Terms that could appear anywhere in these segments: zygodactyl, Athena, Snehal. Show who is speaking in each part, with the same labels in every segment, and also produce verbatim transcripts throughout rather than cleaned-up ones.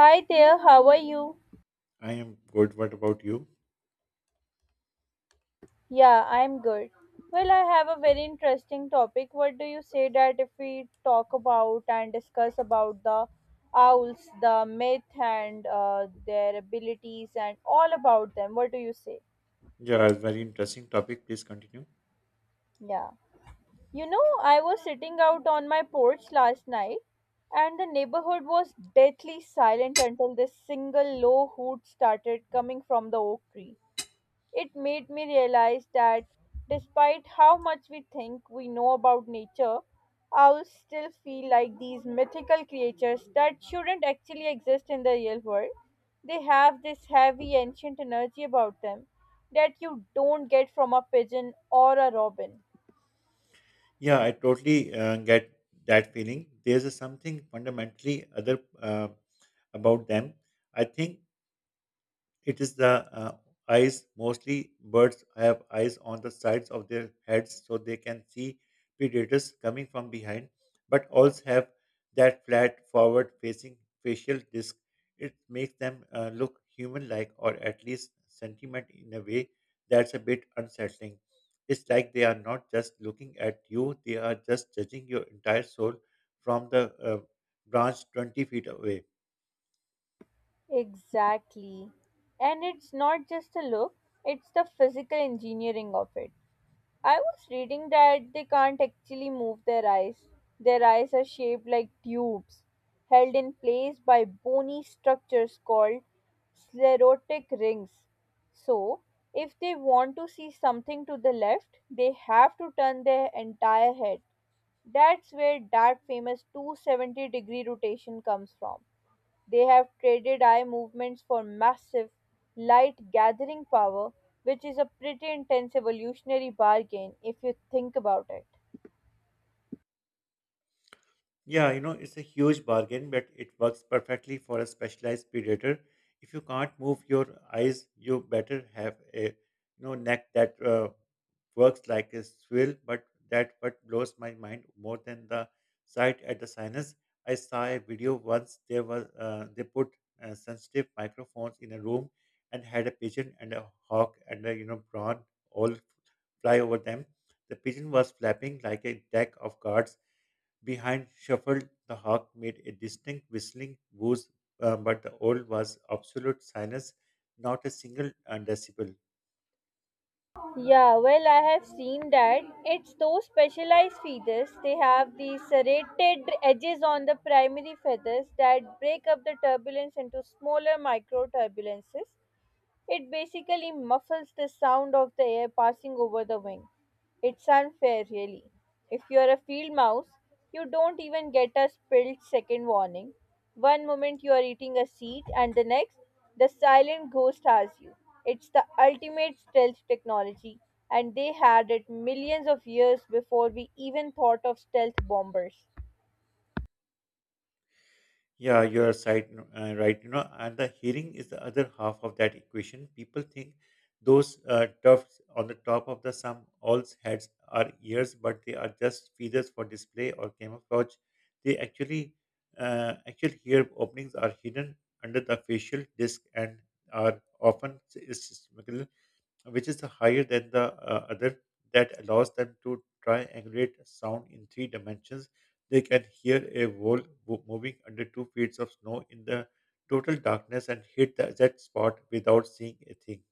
Speaker 1: Hi there, how are you?
Speaker 2: I am good. What about you?
Speaker 1: Yeah, I'm good. Well, I have a very interesting topic. What do you say that if we talk about and discuss about the owls, the myth and uh, their abilities and all about them? What do you say?
Speaker 2: Yeah, it's very interesting topic. Please continue.
Speaker 1: Yeah. You know, I was sitting out on my porch last night and the neighborhood was deathly silent until this single low hoot started coming from the oak tree. It made me realize that despite how much we think we know about nature, owls still feel like these mythical creatures that shouldn't actually exist in the real world. They have this heavy ancient energy about them that you don't get from a pigeon or a robin.
Speaker 2: Yeah, I totally uh, get that feeling. There's a something fundamentally other uh, about them. I think It is the uh, eyes. Mostly birds have eyes on the sides of their heads so they can see predators coming from behind, but owls have that flat, forward facing facial disc. It makes them uh, look human like or at least sentiment in a way that's a bit unsettling. It's like they are not just looking at you, they are just judging your entire soul from the uh, branch 20 feet away.
Speaker 1: Exactly. And it's not just the look, it's the physical engineering of it. I was reading that they can't actually move their eyes. Their eyes are shaped like tubes, held in place by bony structures called sclerotic rings. So, if they want to see something to the left, they have to turn their entire head. That's where that famous two hundred seventy degree rotation comes from. They have traded eye movements for massive, light gathering power, which is a pretty intense evolutionary bargain if you think about it.
Speaker 2: Yeah, you know, it's a huge bargain, but it works perfectly for a specialized predator. If you can't move your eyes, you better have a you know neck that uh, works like a swivel. But that what blows my mind more than the sight at the sinus. I saw a video once. There was uh, they put uh, sensitive microphones in a room and had a pigeon and a hawk and a you know prawn all fly over them. The pigeon was flapping like a deck of cards behind shuffled. The hawk made a distinct whistling whoosh, uh, but the owl was absolute silence, not a single uh, decibel.
Speaker 1: Yeah, well, I have seen that. It's those specialized feathers. They have these serrated edges on the primary feathers that break up the turbulence into smaller micro turbulences. It basically muffles the sound of the air passing over the wing. It's unfair, really. If you're a field mouse, you don't even get a split second warning. One moment you are eating a seed, and the next, the silent ghost has you. It's the ultimate stealth technology, and they had it millions of years before we even thought of stealth bombers.
Speaker 2: Yeah, you are right, no, uh, right. You know, and the hearing is the other half of that equation. People think those uh, tufts on the top of the some owl's heads are ears, but they are just feathers for display or camouflage. They actually, uh, actual ear openings are hidden under the facial disc and are often s- is- which is higher than the uh, other, that allows them to triangulate sound in three dimensions. They can hear a wall wo- moving under two feet of snow in the total darkness and hit the exact spot without seeing a thing.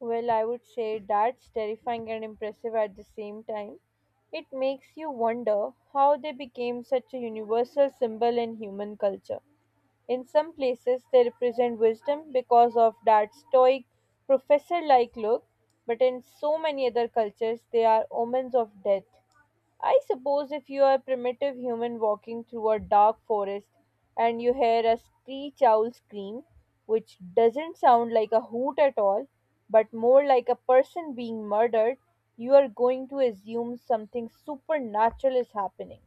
Speaker 1: Well, I would say that's terrifying and impressive at the same time. It makes you wonder how they became such a universal symbol in human culture. In some places, they represent wisdom because of that stoic, professor like look, but in so many other cultures, they are omens of death. I suppose if you are a primitive human walking through a dark forest and you hear a screech owl scream, which doesn't sound like a hoot at all, but more like a person being murdered, you are going to assume something supernatural is happening.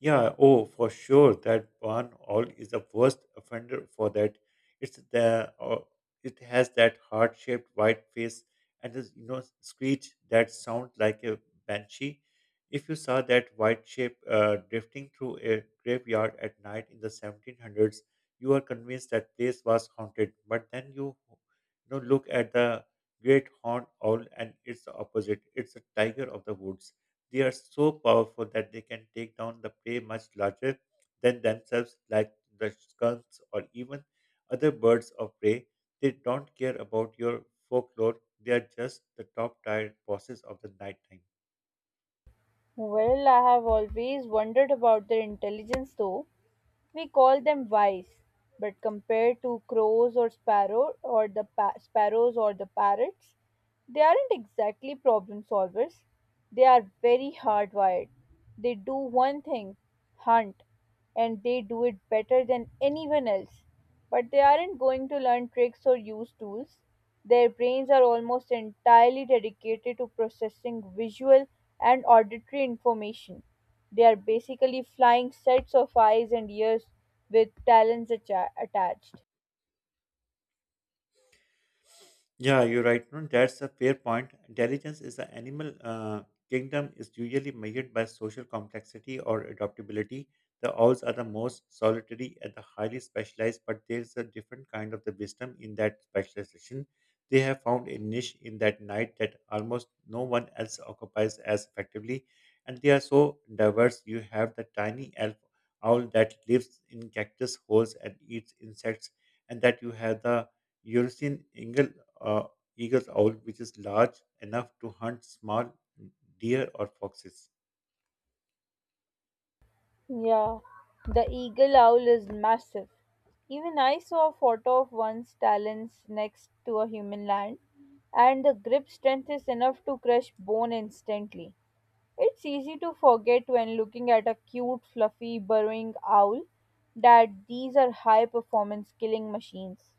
Speaker 2: Yeah, oh, for sure. That one all is the worst offender for that. It's the uh, it has that heart-shaped white face and this you know screech that sounds like a banshee. If you saw that white shape uh, drifting through a graveyard at night in the seventeen hundreds, you are convinced that place was haunted. But then you you know look at the great horned owl and it's the opposite. It's a tiger of the woods. They are so powerful that they can take down the prey much larger than themselves, like the skunks or even other birds of prey. They don't care about your folklore. They are just the top tier bosses of the nighttime.
Speaker 1: Well, I have always wondered about their intelligence though. We call them wise, but compared to crows or sparrow or the pa- sparrows or the parrots, they aren't exactly problem solvers. They are very hardwired. They do one thing, hunt, and they do it better than anyone else. But they aren't going to learn tricks or use tools. Their brains are almost entirely dedicated to processing visual and auditory information. They are basically flying sets of eyes and ears with talons atta- attached.
Speaker 2: Yeah, you're right. No, that's a fair point. Intelligence is the animal uh, kingdom is usually measured by social complexity or adaptability. The owls are the most solitary and the highly specialized, but there's a different kind of the wisdom in that specialization. They have found a niche in that night that almost no one else occupies as effectively, and they are so diverse. You have the tiny elf owl that lives in cactus holes and eats insects, and that you have the Eurasian eagle, uh, eagle's owl, which is large enough to hunt small deer or foxes.
Speaker 1: Yeah, the eagle owl is massive. Even I saw a photo of one's talons next to a human hand, and the grip strength is enough to crush bone instantly. It's easy to forget when looking at a cute, fluffy, burrowing owl that these are high performance killing machines.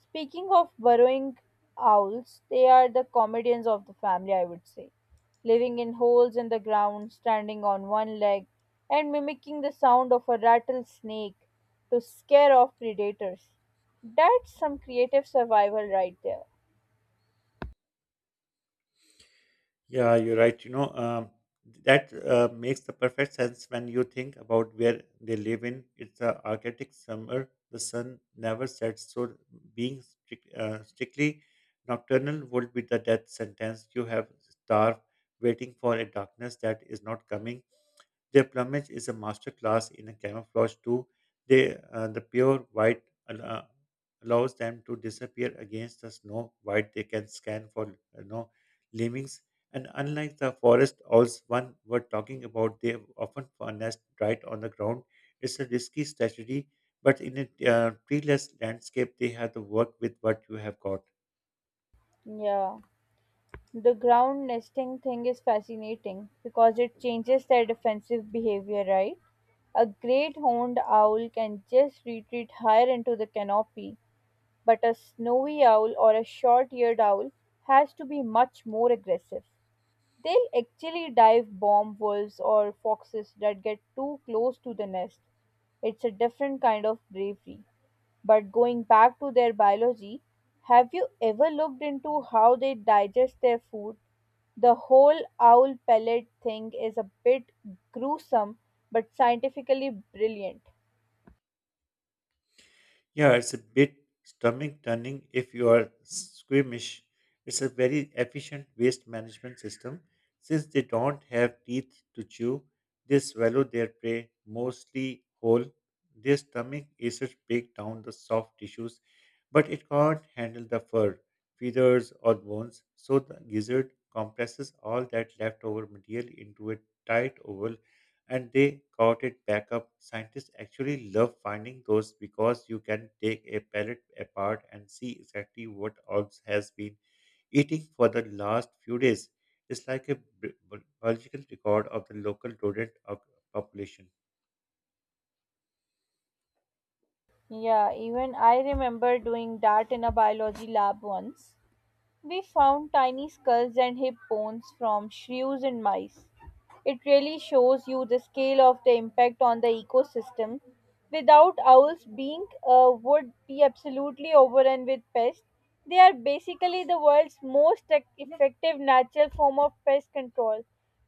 Speaker 1: Speaking of burrowing owls, they are the comedians of the family, I would say, living in holes in the ground, standing on one leg, and mimicking the sound of a rattlesnake to scare off predators. That's some creative survival right there.
Speaker 2: Yeah, you're right. You know, um, that uh, makes the perfect sense when you think about where they live in. It's a Arctic summer. The sun never sets, so being strict, uh, strictly nocturnal would be the death sentence. You have starved, waiting for a darkness that is not coming. Their plumage is a masterclass in a camouflage too. They, uh, the pure white al- allows them to disappear against the snow. White they can scan for you know lemmings. And unlike the forest owls one were talking about, they often nest right on the ground. It's a risky strategy, but in a uh, treeless landscape, they have to work with what you have got.
Speaker 1: Yeah. The ground nesting thing is fascinating because it changes their defensive behavior, right? A great horned owl can just retreat higher into the canopy, but a snowy owl or a short eared owl has to be much more aggressive. They'll actually dive bomb wolves or foxes that get too close to the nest. It's a different kind of bravery. But going back to their biology, have you ever looked into how they digest their food? The whole owl pellet thing is a bit gruesome but scientifically brilliant.
Speaker 2: Yeah, it's a bit stomach turning if you are squeamish. It's a very efficient waste management system. Since they don't have teeth to chew, they swallow their prey mostly whole. Their stomach acids break down the soft tissues, but it can't handle the fur, feathers, or bones. So the gizzard compresses all that leftover material into a tight oval and they got it back up. Scientists actually love finding those because you can take a pellet apart and see exactly what orbs has been eating for the last few days. It's like a bi- bi- biological record of the local rodent op- population.
Speaker 1: Yeah, even I remember doing that in a biology lab once. We found tiny skulls and hip bones from shrews and mice. It really shows you the scale of the impact on the ecosystem. Without owls, being uh, would be absolutely overrun with pests. They are basically the world's most ec- effective natural form of pest control.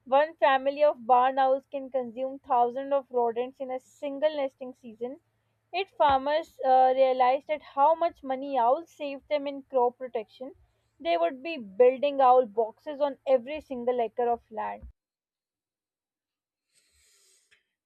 Speaker 1: One family of barn owls can consume thousands of rodents in a single nesting season. Yet farmers uh, realized that how much money owls saved them in crop protection. They would be building owl boxes on every single acre of land.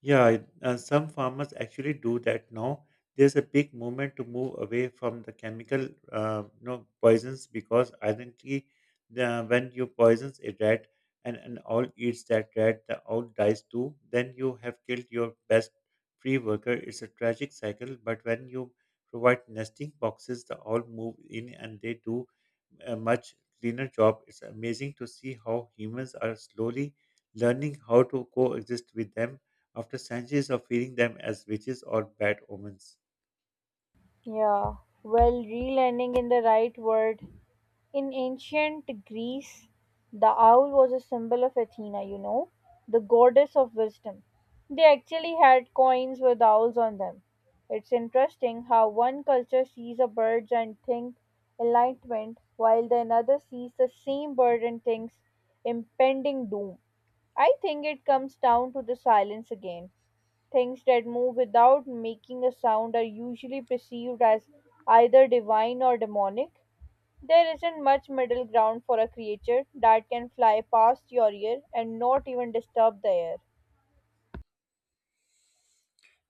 Speaker 2: Yeah, it- uh, some farmers actually do that now. There's a big movement to move away from the chemical, uh, you know, poisons because identity, the, when you poisons a rat and an owl eats that rat, the owl dies too. Then you have killed your best free worker. It's a tragic cycle. But when you provide nesting boxes, the owl move in and they do a much cleaner job. It's amazing to see how humans are slowly learning how to coexist with them after centuries of feeding them as witches or bad omens.
Speaker 1: Yeah, well, re in the right word. In ancient Greece, the owl was a symbol of Athena, you know, the goddess of wisdom. They actually had coins with owls on them. It's interesting how one culture sees a bird and thinks enlightenment, while the another sees the same bird and thinks impending doom. I think it comes down to the silence again. Things that move without making a sound are usually perceived as either divine or demonic. There isn't much middle ground for a creature that can fly past your ear and not even disturb the air.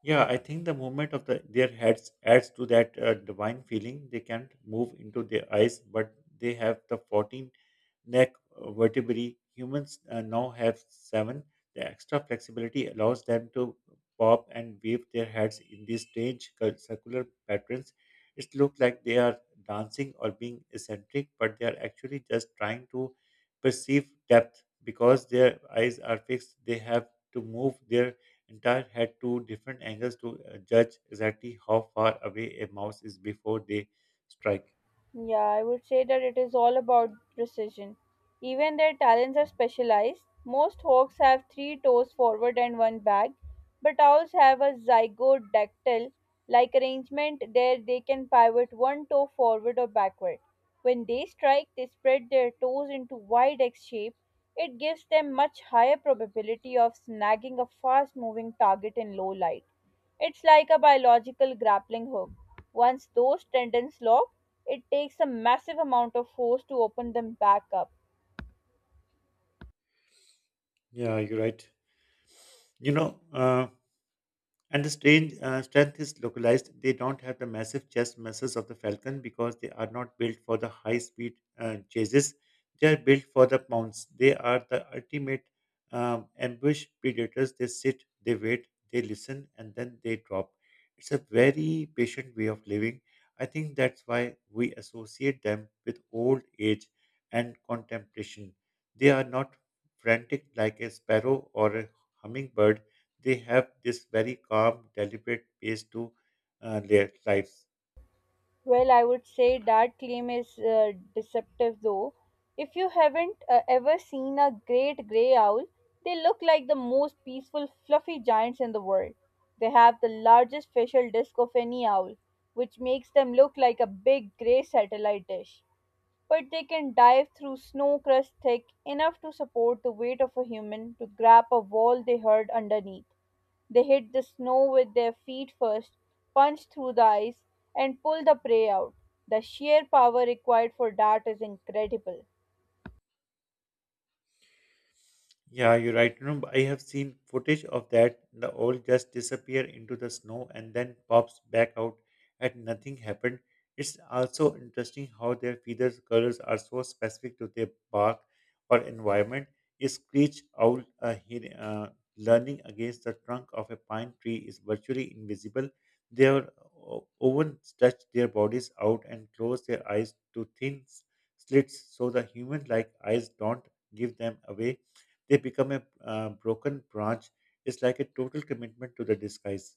Speaker 2: Yeah, I think the movement of the, their heads adds to that uh, divine feeling. They can't move into their eyes, but they have the fourteen neck uh, vertebrae. Humans uh, now have seven. The extra flexibility allows them to pop and wave their heads in these strange cir- circular patterns. It looks like they are dancing or being eccentric, but they are actually just trying to perceive depth because their eyes are fixed. They have to move their Entire had two different angles to uh, judge exactly how far away a mouse is before they strike.
Speaker 1: Yeah, I would say that it is all about precision. Even their talents are specialized. Most hawks have three toes forward and one back, but owls have a zygodactyl like arrangement there they can pivot one toe forward or backward. When they strike, they spread their toes into wide X shape. It gives them much higher probability of snagging a fast moving target in low light. It's like a biological grappling hook. Once those tendons lock, it takes a massive amount of force to open them back up.
Speaker 2: Yeah, you're right. You know, uh, And the strange uh, strength is localized. They don't have the massive chest muscles of the falcon because they are not built for the high speed uh, chases. They are built for the pounds. They are the ultimate um, ambush predators. They sit, they wait, they listen, and then they drop. It's a very patient way of living. I think that's why we associate them with old age and contemplation. They are not frantic like a sparrow or a hummingbird they have this very calm, deliberate pace to uh, their lives.
Speaker 1: Well, I would say that claim is uh, deceptive though. If you haven't uh, ever seen a great grey owl, they look like the most peaceful, fluffy giants in the world. They have the largest facial disc of any owl, which makes them look like a big grey satellite dish. But they can dive through snow crust thick enough to support the weight of a human to grab a wall they heard underneath. They hit the snow with their feet first, punch through the ice, and pull the prey out. The sheer power required for that is incredible.
Speaker 2: Yeah, you're right. You know, I have seen footage of that. The owl just disappear into the snow and then pops back out and nothing happened. It's also interesting how their feather colors are so specific to their bark or environment. A screech owl uh, he, uh, learning against the trunk of a pine tree is virtually invisible. Their o- oven stretch their bodies out and close their eyes to thin s- slits so the human-like eyes don't give them away they become a uh, broken branch. It's like a total commitment to the disguise.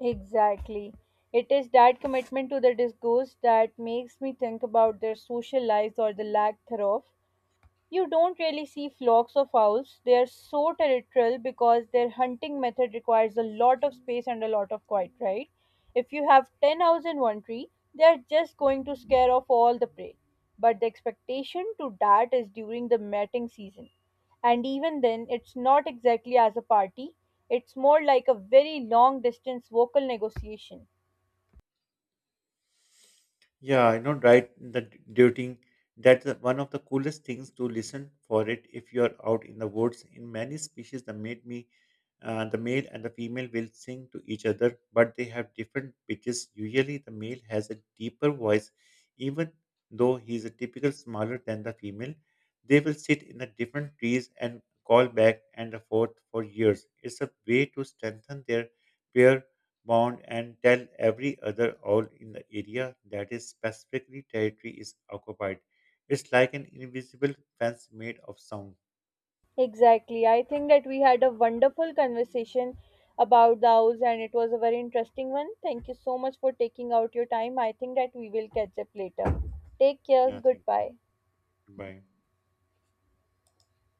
Speaker 1: Exactly. It is that commitment to the discourse that makes me think about their social lives or the lack thereof. You don't really see flocks of owls. They are so territorial because their hunting method requires a lot of space and a lot of quiet, right? If you have ten owls in one tree, they are just going to scare off all the prey. But the expectation to that is during the mating season. And even then, it's not exactly as a party, it's more like a very long distance vocal negotiation.
Speaker 2: Yeah, I know, right? The d- duting that's the- one of the coolest things to listen for it if you're out in the woods. In many species, the mate me, uh, the male and the female will sing to each other, but they have different pitches. Usually, the male has a deeper voice, even though he is a typical smaller than the female. They will sit in the different trees and call back and forth for years. It's a way to strengthen their pair mound and tell every other owl in the area that his specifically territory is occupied. It's like an invisible fence made of sound.
Speaker 1: Exactly. I think that we had a wonderful conversation about those and it was a very interesting one. Thank you so much for taking out your time. I think that we will catch up later. Take care.
Speaker 2: Yeah, thank you.
Speaker 1: Goodbye.
Speaker 2: Bye.